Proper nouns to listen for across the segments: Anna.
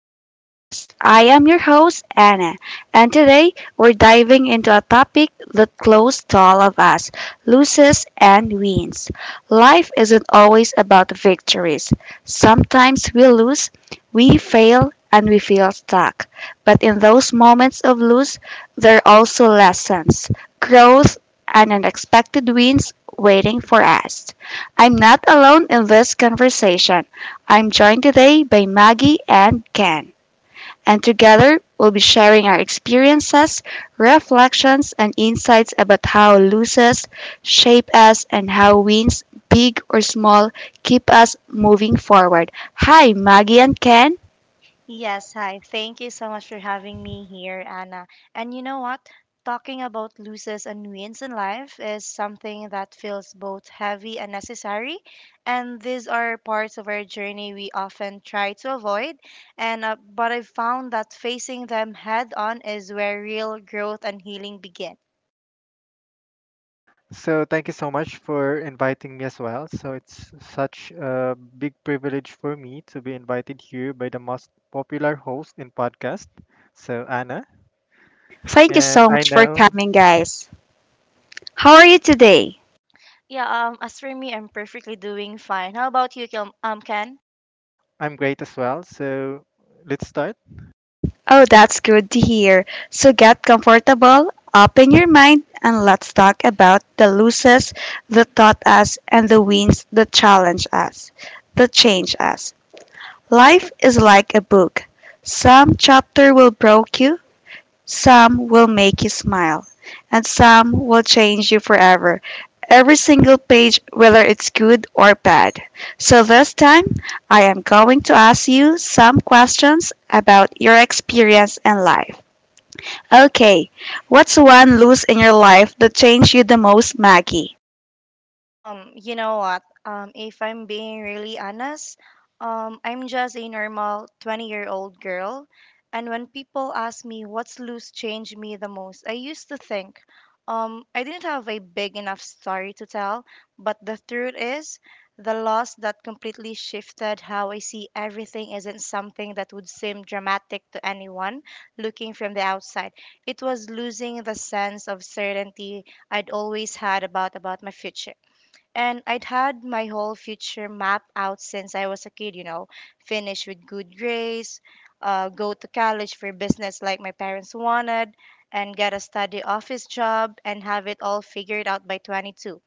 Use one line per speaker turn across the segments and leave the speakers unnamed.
our podcast. I am your host, Anna, and today we're diving into a topic that close to all of us, loses and wins. Life isn't always about victories. Sometimes we lose, we fail, and we feel stuck. But in those moments of lose, there are also lessons, growth, and unexpected wins waiting for us. I'm not alone in this conversation. I'm joined today by Maggie and Ken, and together we'll be sharing our experiences, reflections, and insights about how losses shape us and how wins, big or small, keep us moving forward. Hi, Maggie and Ken.
Yes, hi. Thank you so much for having me here, Anna. And you know what? Talking about losses and wins in life is something that feels both heavy and necessary. And these are parts of our journey we often try to avoid. And but I've found that facing them head on is where real growth and healing begin.
So thank you so much for inviting me as well. So it's such a big privilege for me to be invited here by the most popular host in podcast, so Anna.
Thank you
And
so
I
much for
know
coming, guys. How are you today?
Yeah, as for me, I'm perfectly doing fine. How about you, Ken?
I'm great as well. So let's start.
Oh, that's good to hear. So get comfortable, open your mind, and let's talk about the losses that taught us and the wins that challenge us, that change us. Life is like a book. Some chapter will break you, some will make you smile, and some will change you forever. Every single page, whether it's good or bad. So this time, I am going to ask you some questions about your experience in life. Okay, what's one loss in your life that changed you the most, Maggie?
You know what? If I'm being really honest, I'm just a normal 20-year-old girl. And when people ask me what's loose changed me the most, I used to think, I didn't have a big enough story to tell, but the truth is, the loss that completely shifted how I see everything isn't something that would seem dramatic to anyone looking from the outside. It was losing the sense of certainty I'd always had about my future. And I'd had my whole future map out since I was a kid, you know, finish with good grades, go to college for business like my parents wanted, and get a study office job and have it all figured out by 22.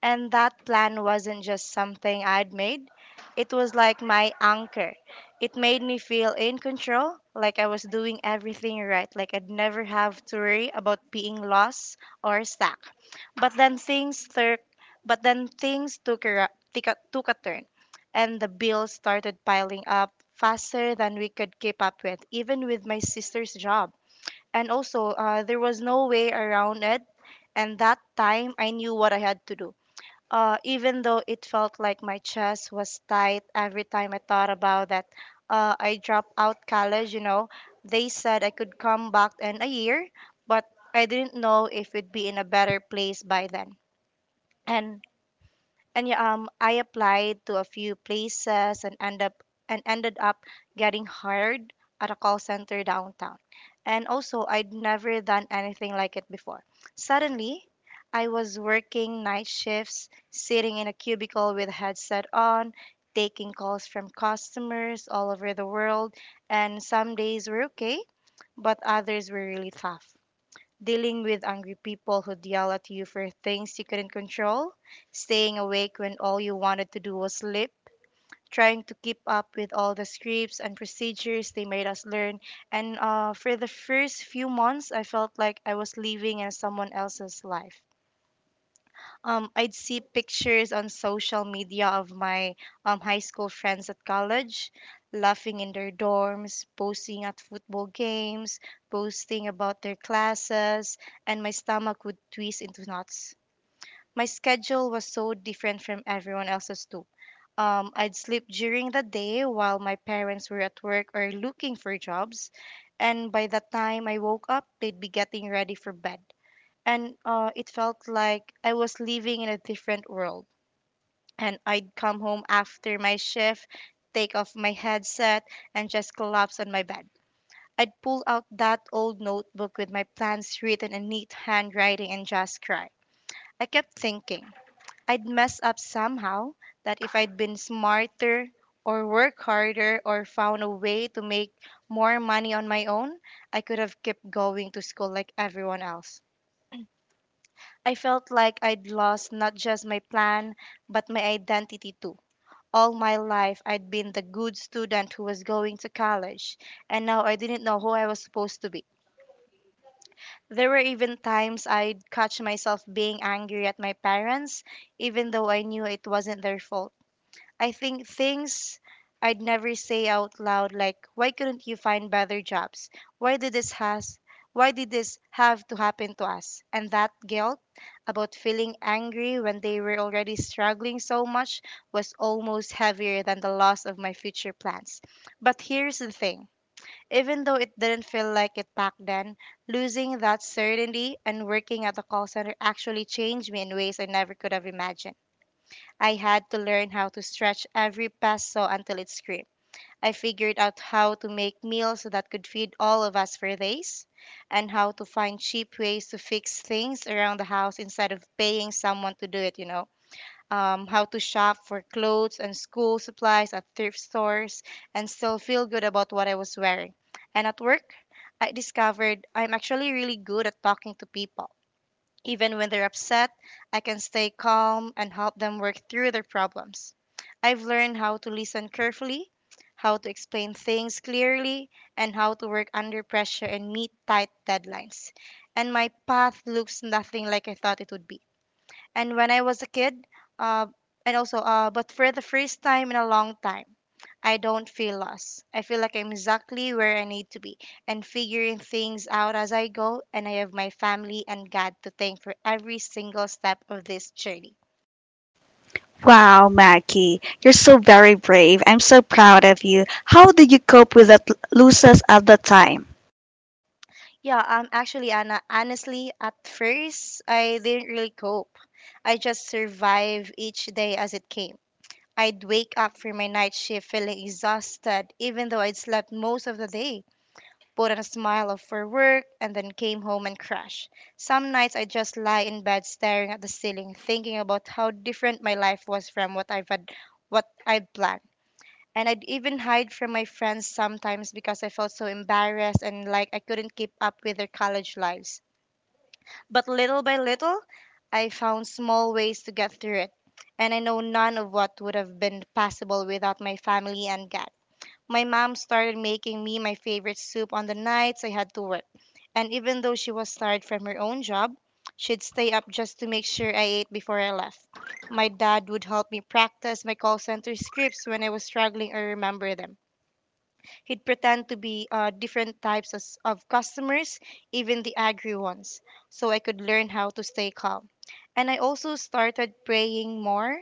And that plan wasn't just something I'd made, it was like my anchor. It made me feel in control, like I was doing everything right, like I'd never have to worry about being lost or stuck. But then things tur- but then things took a, ra- took a took a turn, and the bills started piling up faster than we could keep up with, even with my sister's job. And also, there was no way around it. And that time, I knew what I had to do. Even though it felt like my chest was tight every time I thought about that, I dropped out college. You know, they said I could come back in a year, but I didn't know if we'd be in a better place by then and and yeah, I applied to a few places and ended up getting hired at a call center downtown. And also, I'd never done anything like it before. Suddenly, I was working night shifts, sitting in a cubicle with a headset on, taking calls from customers all over the world. And some days were okay, but others were really tough dealing with angry people who'd yell at you for things you couldn't control, staying awake when all you wanted to do was sleep, trying to keep up with all the scripts and procedures they made us learn. And For the first few months, I felt like I was living in someone else's life. I'd see pictures on social media of my high school friends at college, laughing in their dorms, posing at football games, posting about their classes, and my stomach would twist into knots. My schedule was so different from everyone else's too. I'd sleep during the day while my parents were at work or looking for jobs, and by the time I woke up, they'd be getting ready for bed and it felt like I was living in a different world. And I'd come home after my shift, take off my headset, and just collapse on my bed. I'd pull out that old notebook with my plans written in neat handwriting and just cry. I kept thinking I'd mess up somehow, that if I'd been smarter, or worked harder, or found a way to make more money on my own, I could have kept going to school like everyone else. I felt like I'd lost not just my plan, but my identity too. All my life, I'd been the good student who was going to college, and now I didn't know who I was supposed to be. There were even times I'd catch myself being angry at my parents, even though I knew it wasn't their fault. I think things I'd never say out loud like, why couldn't you find better jobs? Why did this has why did this have to happen to us? And that guilt about feeling angry when they were already struggling so much was almost heavier than the loss of my future plans. But here's the thing. Even though it didn't feel like it back then, losing that certainty and working at the call center actually changed me in ways I never could have imagined. I had to learn how to stretch every peso until it screamed. I figured out how to make meals that could feed all of us for days and how to find cheap ways to fix things around the house instead of paying someone to do it, you know. How to shop for clothes and school supplies at thrift stores and still feel good about what I was wearing. And at work, I discovered I'm actually really good at talking to people. Even when they're upset, I can stay calm and help them work through their problems. I've learned how to listen carefully, how to explain things clearly, and how to work under pressure and meet tight deadlines. And my path looks nothing like I thought it would be and when I was a kid, uh, and also, uh, but for the first time in a long time, I don't feel lost. I feel like I'm exactly where I need to be and figuring things out as I go, and I have my family and God to thank for every single step of this journey.
Wow, Maggie, you're so very brave. I'm so proud of you. How did you cope with that losses at the time?
Yeah, actually, Anna, honestly, at first, I didn't really cope. I just survived each day as it came. I'd wake up from my night shift feeling exhausted, even though I'd slept most of the day. Put on a smile of for work, and then came home and crashed. Some nights I just lie in bed staring at the ceiling, thinking about how different my life was from what I've had, what I'd planned. And I'd even hide from my friends sometimes because I felt so embarrassed and like I couldn't keep up with their college lives. But little by little, I found small ways to get through it. And I know none of what would have been possible without my family and God. My mom started making me my favorite soup on the nights I had to work. And even though she was tired from her own job, she'd stay up just to make sure I ate before I left. My dad would help me practice my call center scripts when I was struggling or remember them. He'd pretend to be different types of customers, even the angry ones, so I could learn how to stay calm. And I also started praying more,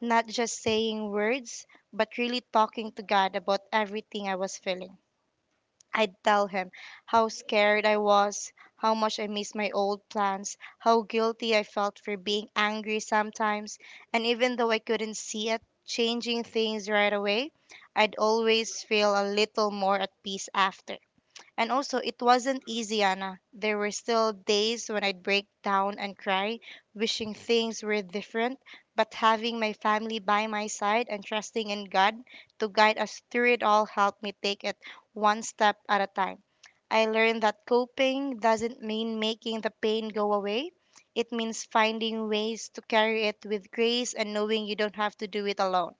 not just saying words, but really talking to God about everything I was feeling. I'd tell him how scared I was, how much I missed my old plans, how guilty I felt for being angry sometimes, and even though I couldn't see it, changing things right away, I'd always feel a little more at peace after. And also, it wasn't easy, Anna. There were still days when I'd break down and cry, wishing things were different. But having my family by my side and trusting in God to guide us through it all helped me take it one step at a time. I learned that coping doesn't mean making the pain go away. It means finding ways to carry it with grace and knowing you don't have to do it alone.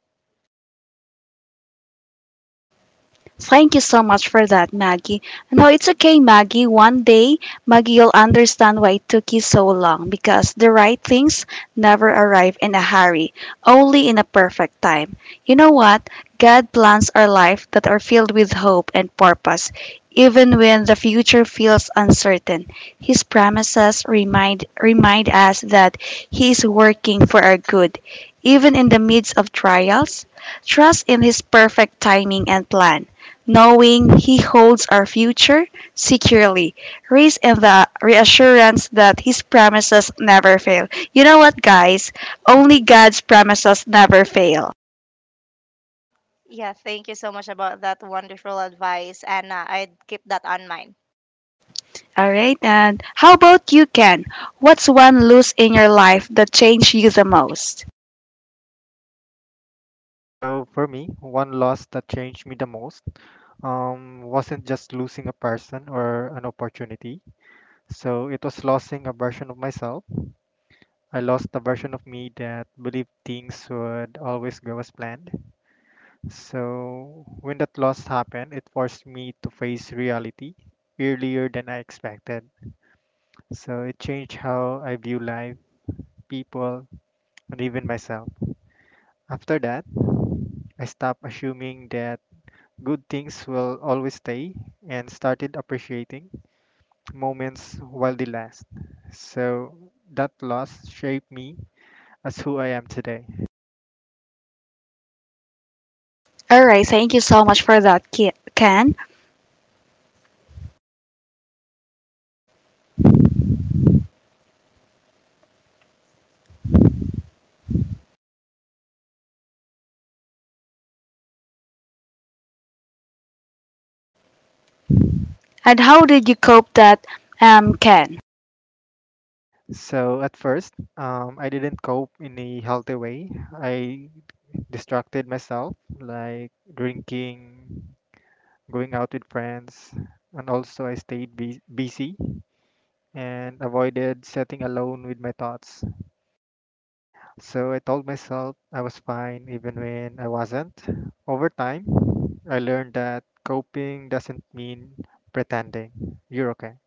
Thank you so much for that, Maggie. No, it's okay, Maggie. One day, Maggie, you'll understand why it took you so long, because the right things never arrive in a hurry, only in a perfect time. You know what? God plans our life that are filled with hope and purpose. Even when the future feels uncertain, His promises remind us that He is working for our good. Even in the midst of trials, trust in His perfect timing and plan, knowing He holds our future securely, rests in the reassurance that His promises never fail. You know what, guys? Only God's promises never fail.
Yeah, thank you so much about that wonderful advice, Anna. I'd keep that on mind.
Alright, and how about you, Ken? What's one loss in your life that changed you the most?
So for me, one loss that changed me the most wasn't just losing a person or an opportunity. So it was losing a version of myself. I lost the version of me that believed things would always go as planned. So when that loss happened, it forced me to face reality earlier than I expected. So it changed how I view life, people, and even myself. After that, I stopped assuming that good things will always stay and started appreciating moments while they last. So that loss shaped me as who I am today.
Alright, thank you so much for that, Ken. And how did you cope that, Ken?
So at first, I didn't cope in a healthy way. I distracted myself, like drinking, going out with friends, and also I stayed busy and avoided sitting alone with my thoughts. So I told myself I was fine even when I wasn't. Over time, I learned that coping doesn't mean pretending you're okay.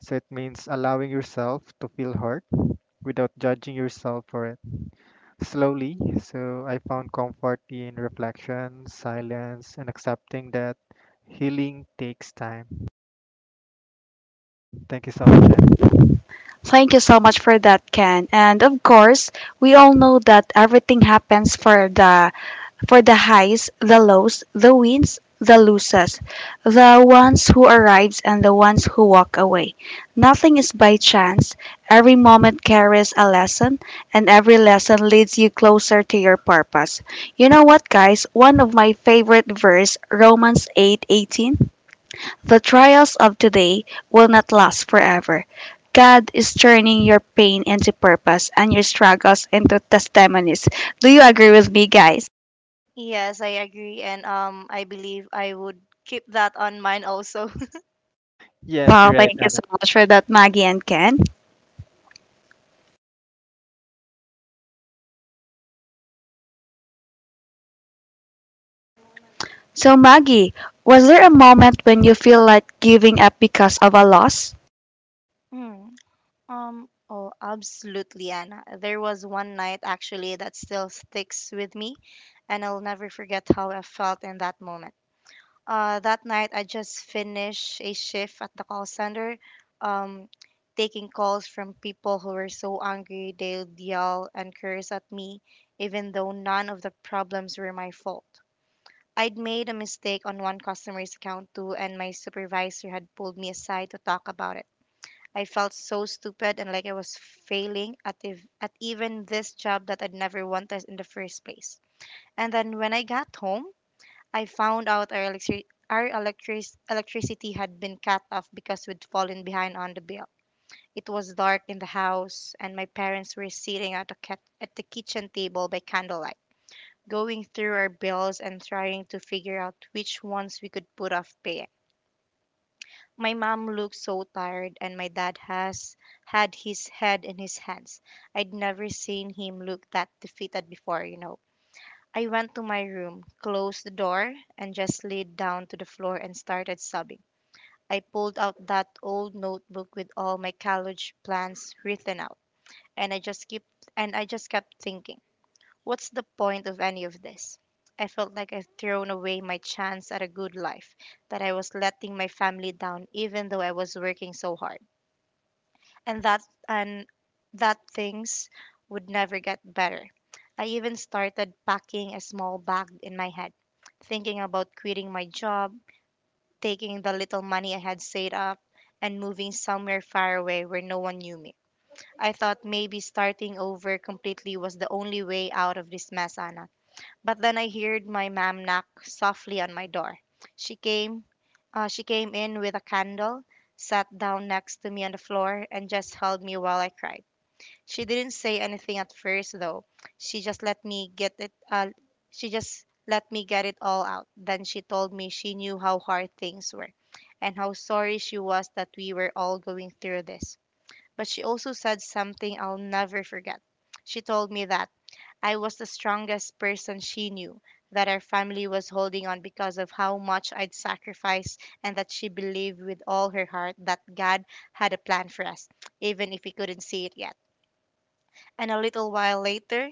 So it means allowing yourself to feel hurt without judging yourself for it. Slowly, so I found comfort in reflection, silence, and accepting that healing takes time. Thank you so much, Anna.
Thank you so much for that, Ken. And of course, we all know that everything happens for the highs, the lows, the wins, the loses, the ones who arrives and the ones who walk away. Nothing is by chance. Every moment carries a lesson, and every lesson leads you closer to your purpose. You know what, guys? One of my favorite verse, Romans 8:18, the trials of today will not last forever. God is turning your pain into purpose and your struggles into testimonies. Do you agree with me, guys?
Yes, I agree, and I believe I would keep that on mind also.
Yes,
Wow,
you're right,
thank you
Anna.
so much for that, Maggie and Ken. So, Maggie, was there a moment when you feel like giving up because of a loss?
Mm, oh, absolutely, Anna. There was one night actually that still sticks with me, and I'll never forget how I felt in that moment. That night, I just finished a shift at the call center, um, taking calls from people who were so angry they'd yell and curse at me, even though none of the problems were my fault. I'd made a mistake on one customer's account too, and my supervisor had pulled me aside to talk about it. I felt so stupid and like I was failing at even this job that I'd never wanted in the first place. And then when I got home, I found out our electricity had been cut off because we'd fallen behind on the bill. It was dark in the house, and my parents were sitting at the kitchen table by candlelight going through our bills and trying to figure out which ones we could put off paying. My mom looked so tired and my dad has had his head in his hands. I'd never seen him look that defeated before, you know. I went to my room, closed the door, and just laid down to the floor and started sobbing. I pulled out that old notebook with all my college plans written out, and I just kept thinking, what's the point of any of this? I felt like I'd thrown away my chance at a good life, that I was letting my family down even though I was working so hard. And that and that things would never get better. I even started packing a small bag in my head, thinking about quitting my job, taking the little money I had saved up, and moving somewhere far away where no one knew me. I thought maybe starting over completely was the only way out of this mess, Anna. But then I heard my mom knock softly on my door. She came, she came in with a candle, sat down next to me on the floor, and just held me while I cried. She didn't say anything at first, though. She just let me get it. Uh, she just let me get it all out. Then she told me she knew how hard things were, and how sorry she was that we were all going through this. But she also said something I'll never forget. She told me that I was the strongest person she knew, that our family was holding on because of how much I'd sacrificed, and that she believed with all her heart that God had a plan for us, even if we couldn't see it yet. And a little while later,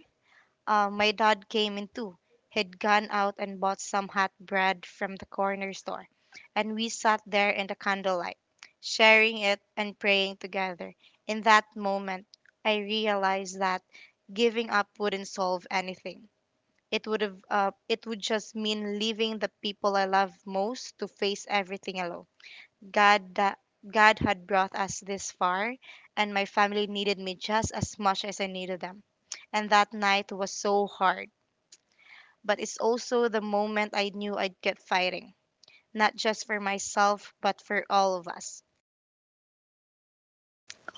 my dad came in too. He'd gone out and bought some hot bread from the corner store, and we sat there in the candlelight, sharing it and praying together. In that moment, I realized that giving up wouldn't solve anything. It would just mean leaving the people I love most to face everything alone. God that God had brought us this far, and my family needed me just as much as I needed them. And that night was so hard, but it's also the moment I knew I'd get fighting, not just for myself but for all of us.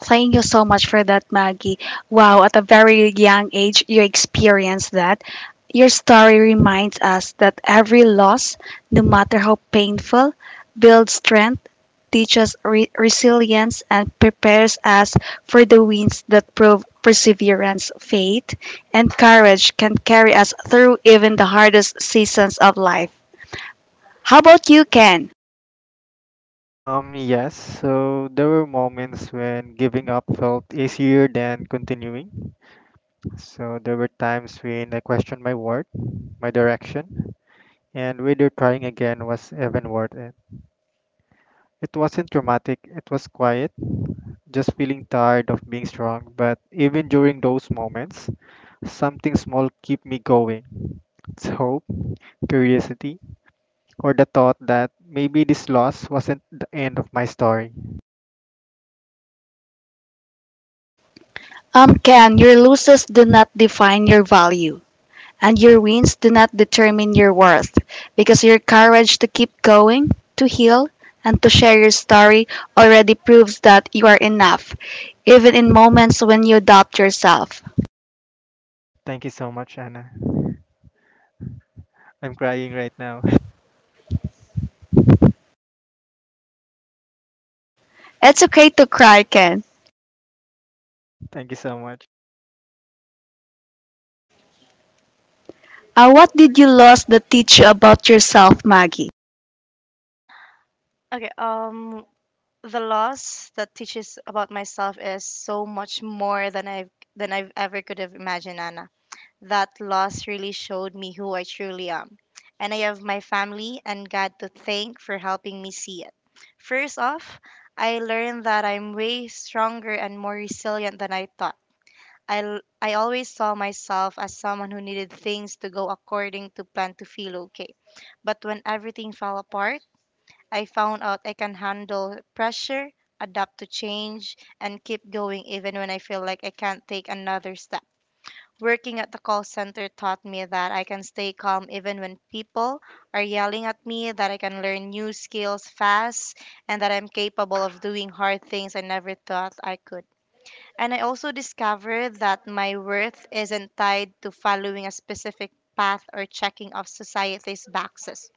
Thank you so much for that, Maggie. Wow, at a very young age, you experienced that. Your story reminds us that every loss, no matter how painful, builds strength, teaches resilience, and prepares us for the winds that prove perseverance, faith, and courage can carry us through even the hardest seasons of life. How about you, Ken?
Yes, so there were moments when giving up felt easier than continuing. So there were times when I questioned my worth, my direction, and whether trying again was even worth it. It wasn't dramatic, it was quiet, just feeling tired of being strong. But even during those moments, something small keep me going. It's hope, curiosity, or the thought that maybe this loss wasn't the end of my story.
Ken, your losses do not define your value. And your wins do not determine your worth, because your courage to keep going, to heal, and to share your story already proves that you are enough, even in moments when you doubt yourself.
Thank you so much, Anna. I'm crying right now.
It's okay to cry, Ken.
Thank you so much.
What did you lose that teach you about yourself, Maggie?
Okay, the loss that teaches about myself is so much more than I've ever could have imagined, Anna. That loss really showed me who I truly am. And I have my family and God to thank for helping me see it. First off, I learned that I'm way stronger and more resilient than I thought. I always saw myself as someone who needed things to go according to plan to feel okay. But when everything fell apart, I found out I can handle pressure, adapt to change, and keep going even when I feel like I can't take another step. Working at the call center taught me that I can stay calm even when people are yelling at me, that I can learn new skills fast, and that I'm capable of doing hard things I never thought I could. And I also discovered that my worth isn't tied to following a specific path or checking off society's boxes.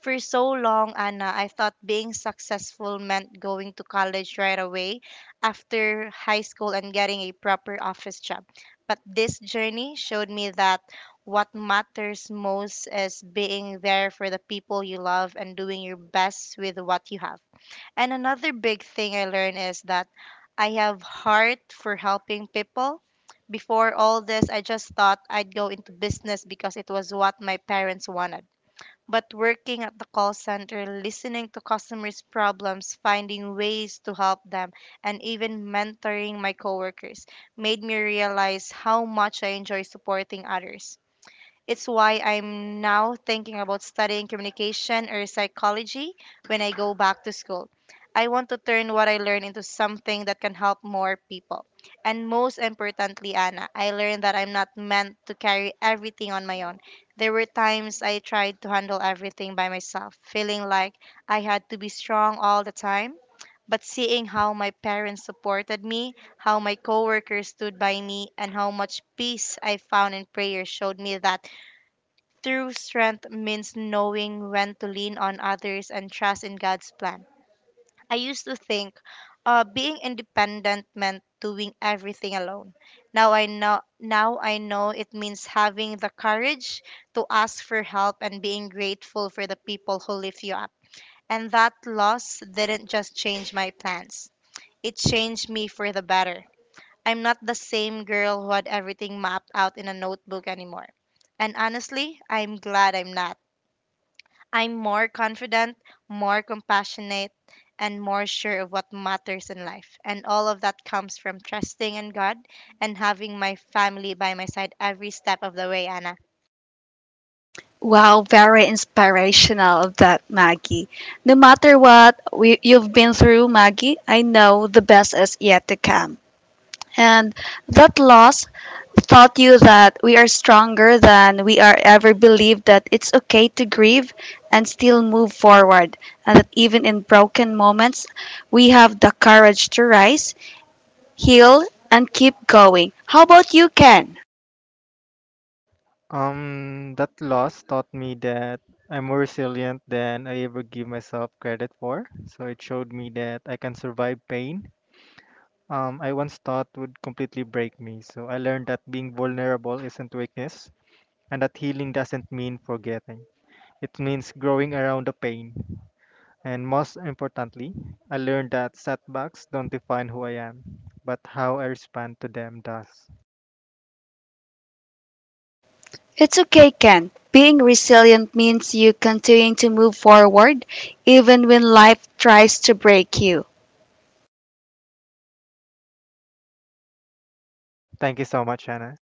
For so long, Anna, I thought being successful meant going to college right away after high school and getting a proper office job. But this journey showed me that what matters most is being there for the people you love and doing your best with what you have. And another big thing I learned is that I have heart for helping people. Before all this, I just thought I'd go into business because it was what my parents wanted. But working at the call center, listening to customers' problems, finding ways to help them, and even mentoring my coworkers made me realize how much I enjoy supporting others. It's why I'm now thinking about studying communication or psychology when I go back to school. I want to turn what I learn into something that can help more people. And most importantly, Anna, I learned that I'm not meant to carry everything on my own. There were times I tried to handle everything by myself, feeling like I had to be strong all the time, but seeing how my parents supported me, how my coworkers stood by me, and how much peace I found in prayer showed me that true strength means knowing when to lean on others and trust in God's plan. I used to think being independent meant doing everything alone. Now I know it means having the courage to ask for help and being grateful for the people who lift you up. And that loss didn't just change my plans. It changed me for the better. I'm not the same girl who had everything mapped out in a notebook anymore. And honestly, I'm glad I'm not. I'm more confident, more compassionate, and more sure of what matters in life. And all of that comes from trusting in God and having my family by my side every step of the way, Anna.
Wow, very inspirational of that, Maggie. No matter you've been through, Maggie, I know the best is yet to come. And that loss taught you that we are stronger than we are ever believed, that it's okay to grieve and still move forward, and that even in broken moments, we have the courage to rise, heal, and keep going. How about you, Ken?
That loss taught me that I'm more resilient than I ever give myself credit for. So it showed me that I can survive pain I once thought would completely break me. So I learned that being vulnerable isn't weakness, and that healing doesn't mean forgetting. It means growing around the pain. And most importantly, I learned that setbacks don't define who I am, but how I respond to them does.
It's okay, Ken. Being resilient means you continuing to move forward even when life tries to break you.
Thank you so much, Anna.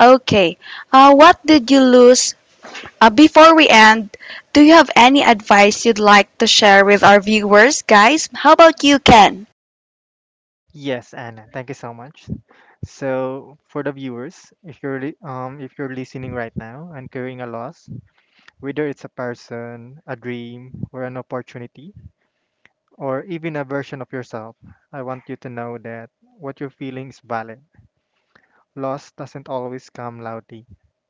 Okay, what did you lose before we end, do you have any advice you'd like to share with our viewers, guys? How about you, Ken?
Yes, Anna, thank you so much. So for the viewers, if you're listening right now and carrying a loss, whether it's a person, a dream, or an opportunity, or even a version of yourself, I want you to know that what you're feeling is valid. Loss doesn't always come loudly.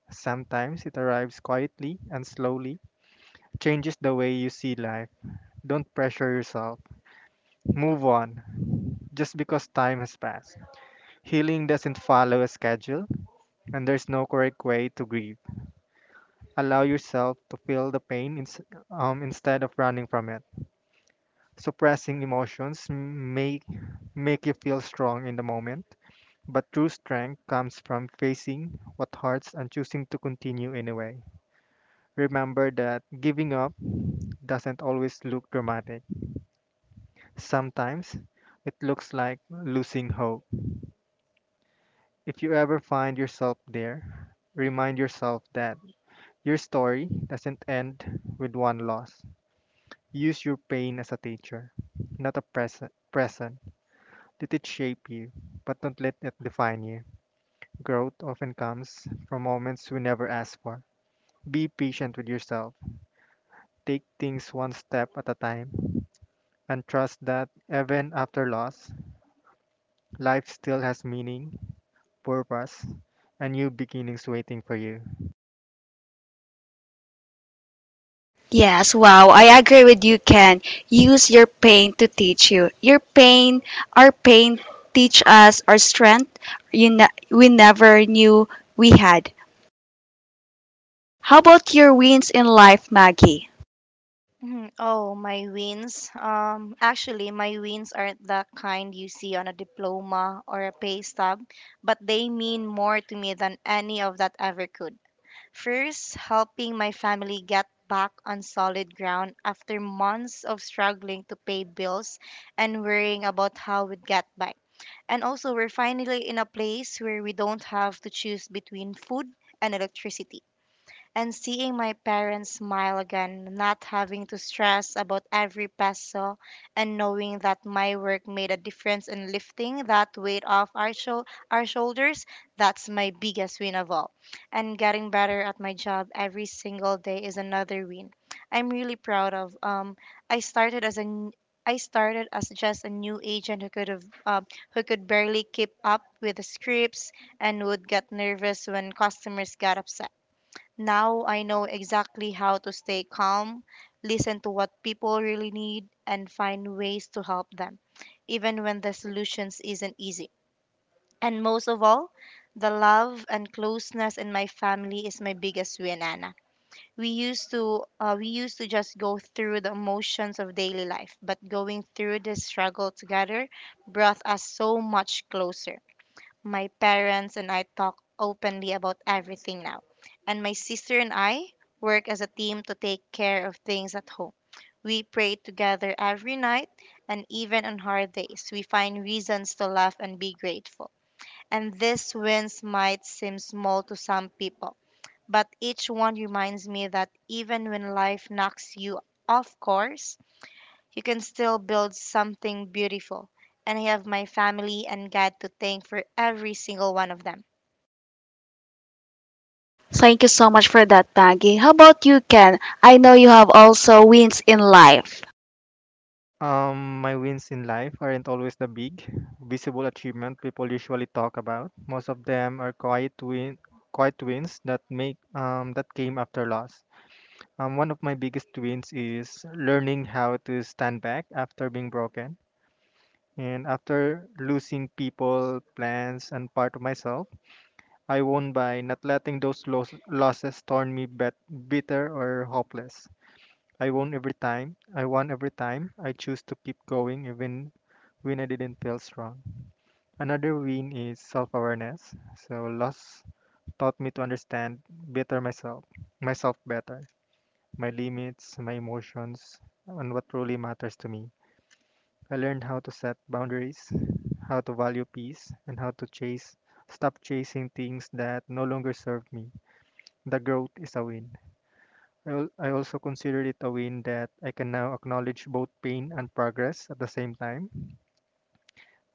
Sometimes it arrives quietly and slowly, changes the way you see life. Don't pressure yourself. Move on, just because time has passed. Healing doesn't follow a schedule, and there's no correct way to grieve. Allow yourself to feel the pain instead of running from it. Suppressing emotions may make you feel strong in the moment, but true strength comes from facing what hurts and choosing to continue anyway. Remember that giving up doesn't always look dramatic. Sometimes it looks like losing hope. If you ever find yourself there, remind yourself that your story doesn't end with one loss. Use your pain as a teacher, not a present. Present. Let it shape you, but don't let it define you. Growth often comes from moments we never asked for. Be patient with yourself. Take things one step at a time and trust that even after loss, life still has meaning, purpose, and new beginnings waiting for you.
Yes, wow, I agree with you, Ken. Use your pain to teach you. Your pain, our pain, teach us our strength we never knew we had. How about your wins in life, Maggie?
Mhm. Oh, my wins. Actually, my wins aren't the kind you see on a diploma or a pay stub, but they mean more to me than any of that ever could. First, helping my family get back on solid ground after months of struggling to pay bills and worrying about how we'd get by. And also, we're finally in a place where we don't have to choose between food and electricity, and seeing my parents smile again, not having to stress about every peso, and knowing that my work made a difference in lifting that weight off our, our shoulders, that's my biggest win of all. And getting better at my job every single day is another win I'm really proud of. I started as a n- I started as just a new agent who who could barely keep up with the scripts and would get nervous when customers got upset. Now I know exactly how to stay calm, listen to what people really need, and find ways to help them, even when the solutions isn't easy. And most of all, the love and closeness in my family is my biggest win, Anna. We used to just go through the emotions of daily life, but going through this struggle together brought us so much closer. My parents and I talk openly about everything now. And my sister and I work as a team to take care of things at home. We pray together every night, and even on hard days, we find reasons to laugh and be grateful. And these wins might seem small to some people, but each one reminds me that even when life knocks you off course, you can still build something beautiful, and I have my family and God to thank for every single one of them.
Thank you so much for that, Maggie. How about you, Ken? I know you have also wins in life.
My wins in life aren't always the big, visible achievement people usually talk about. Most of them are quiet wins that make that came after loss. One of my biggest wins is learning how to stand back after being broken. And after losing people, plans, and part of myself, I won by not letting those losses turn me bitter or hopeless. I won every time. I choose to keep going even when I didn't feel strong. Another win is self-awareness. So loss taught me to understand better myself, myself better, my limits, my emotions, and what truly matters to me. I learned how to set boundaries, how to value peace, and how to chase stop chasing things that no longer serve me. The growth is a win. I also consider it a win that I can now acknowledge both pain and progress at the same time.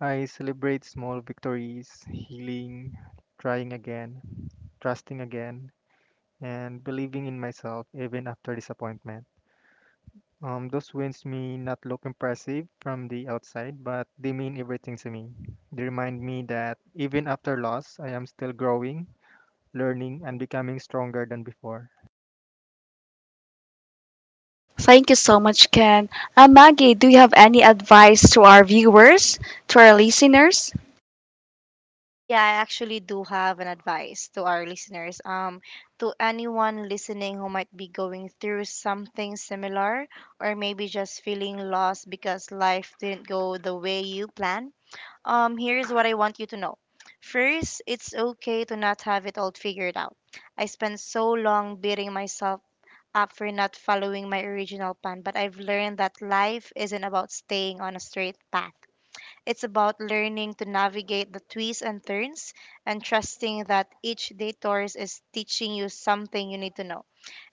I celebrate small victories, healing, trying again, trusting again, and believing in myself even after disappointment. Those wins may not look impressive from the outside, but they mean everything to me. They remind me that even after loss, I am still growing, learning, and becoming stronger than before.
Thank you so much, Ken. Maggie, do you have any advice to our viewers, to our listeners?
Yeah, I actually do have an advice to our listeners. To anyone listening who might be going through something similar or maybe just feeling lost because life didn't go the way you planned, here's what I want you to know. First, it's okay to not have it all figured out. I spent so long beating myself up for not following my original plan, but I've learned that life isn't about staying on a straight path. It's about learning to navigate the twists and turns and trusting that each day tours is teaching you something you need to know.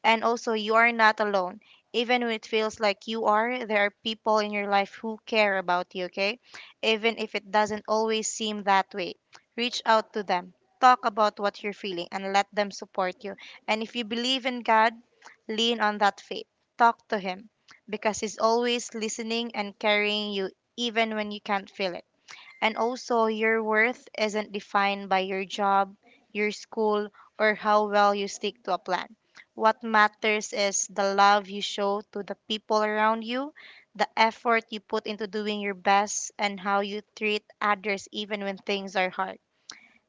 And also, you are not alone. Even when it feels like you are, there are people in your life who care about you, okay? Even if it doesn't always seem that way, reach out to them. Talk about what you're feeling and let them support you. And if you believe in God, lean on that faith. Talk to Him, because He's always listening and carrying you even when you can't feel it. And also, your worth isn't defined by your job, your school, or how well you stick to a plan. What matters is the love you show to the people around you, the effort you put into doing your best, and how you treat others even when things are hard.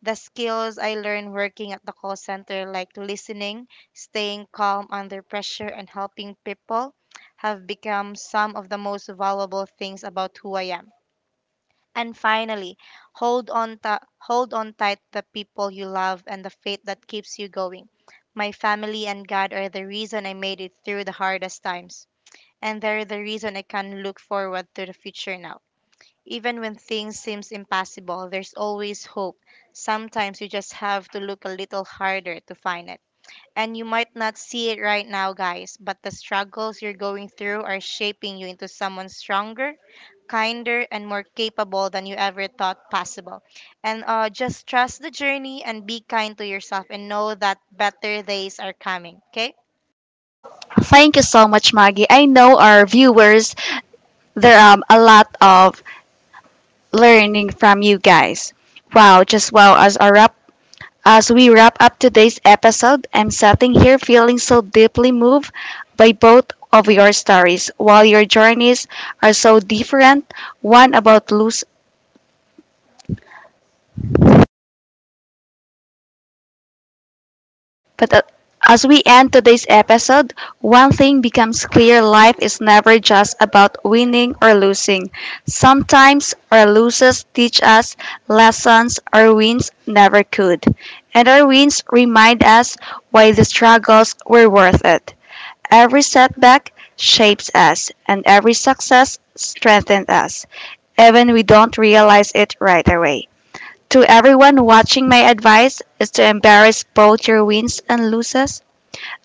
The skills I learned working at the call center, like listening, staying calm under pressure, and helping people, have become some of the most valuable things about who I am. And finally, hold on tight the people you love and the faith that keeps you going. My family and God are the reason I made it through the hardest times, and they're the reason I can look forward to the future now. Even when things seems impossible, there's always hope. Sometimes you just have to look a little harder to find it. And you might not see it right now, guys, but the struggles you're going through are shaping you into someone stronger, kinder, and more capable than you ever thought possible. And just trust the journey and be kind to yourself and know that better days are coming, okay?
Thank you so much, Maggie. I know our viewers, there are a lot of learning from you guys. Wow, just wow. As we wrap up today's episode, I'm sitting here feeling so deeply moved by both of your stories. While your journeys are so different, one about But a- as we end today's episode, one thing becomes clear, life is never just about winning or losing. Sometimes our losses teach us lessons our wins never could, and our wins remind us why the struggles were worth it. Every setback shapes us, and every success strengthens us, even we don't realize it right away. To everyone watching, my advice is to embrace both your wins and losses.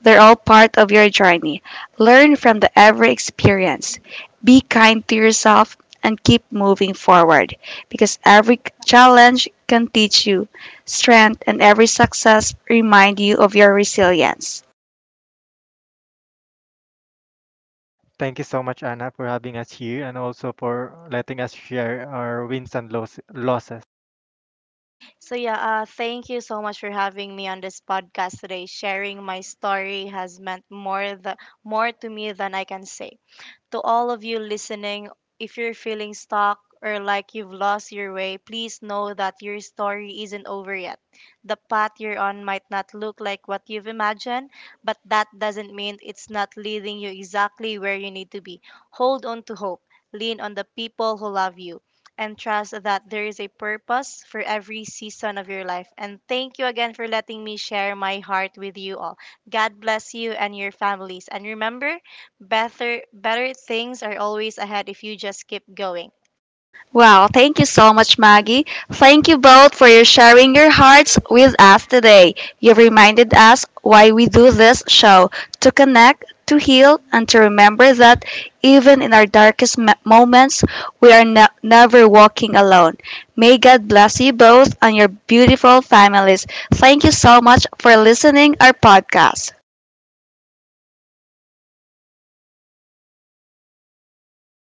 They're all part of your journey. Learn from the every experience. Be kind to yourself and keep moving forward, because every challenge can teach you strength and every success remind you of your resilience.
Thank you so much, Anna, for having us here and also for letting us share our wins and losses.
So, yeah, thank you so much for having me on this podcast today. Sharing my story has meant more to me than I can say. To all of you listening, if you're feeling stuck or like you've lost your way, please know that your story isn't over yet. The path you're on might not look like what you've imagined, but that doesn't mean it's not leading you exactly where you need to be. Hold on to hope. Lean on the people who love you and trust that there is a purpose for every season of your life. And thank you again for letting me share my heart with you all. God bless you and your families. And remember, better things are always ahead if you just keep going.
Wow, thank you so much, Maggie. Thank you both for your sharing your hearts with us today. You've reminded us why we do this show, to connect, to heal, and to remember that even in our darkest moments, we are never walking alone. May God bless you both and your beautiful families. Thank you so much for listening our podcast.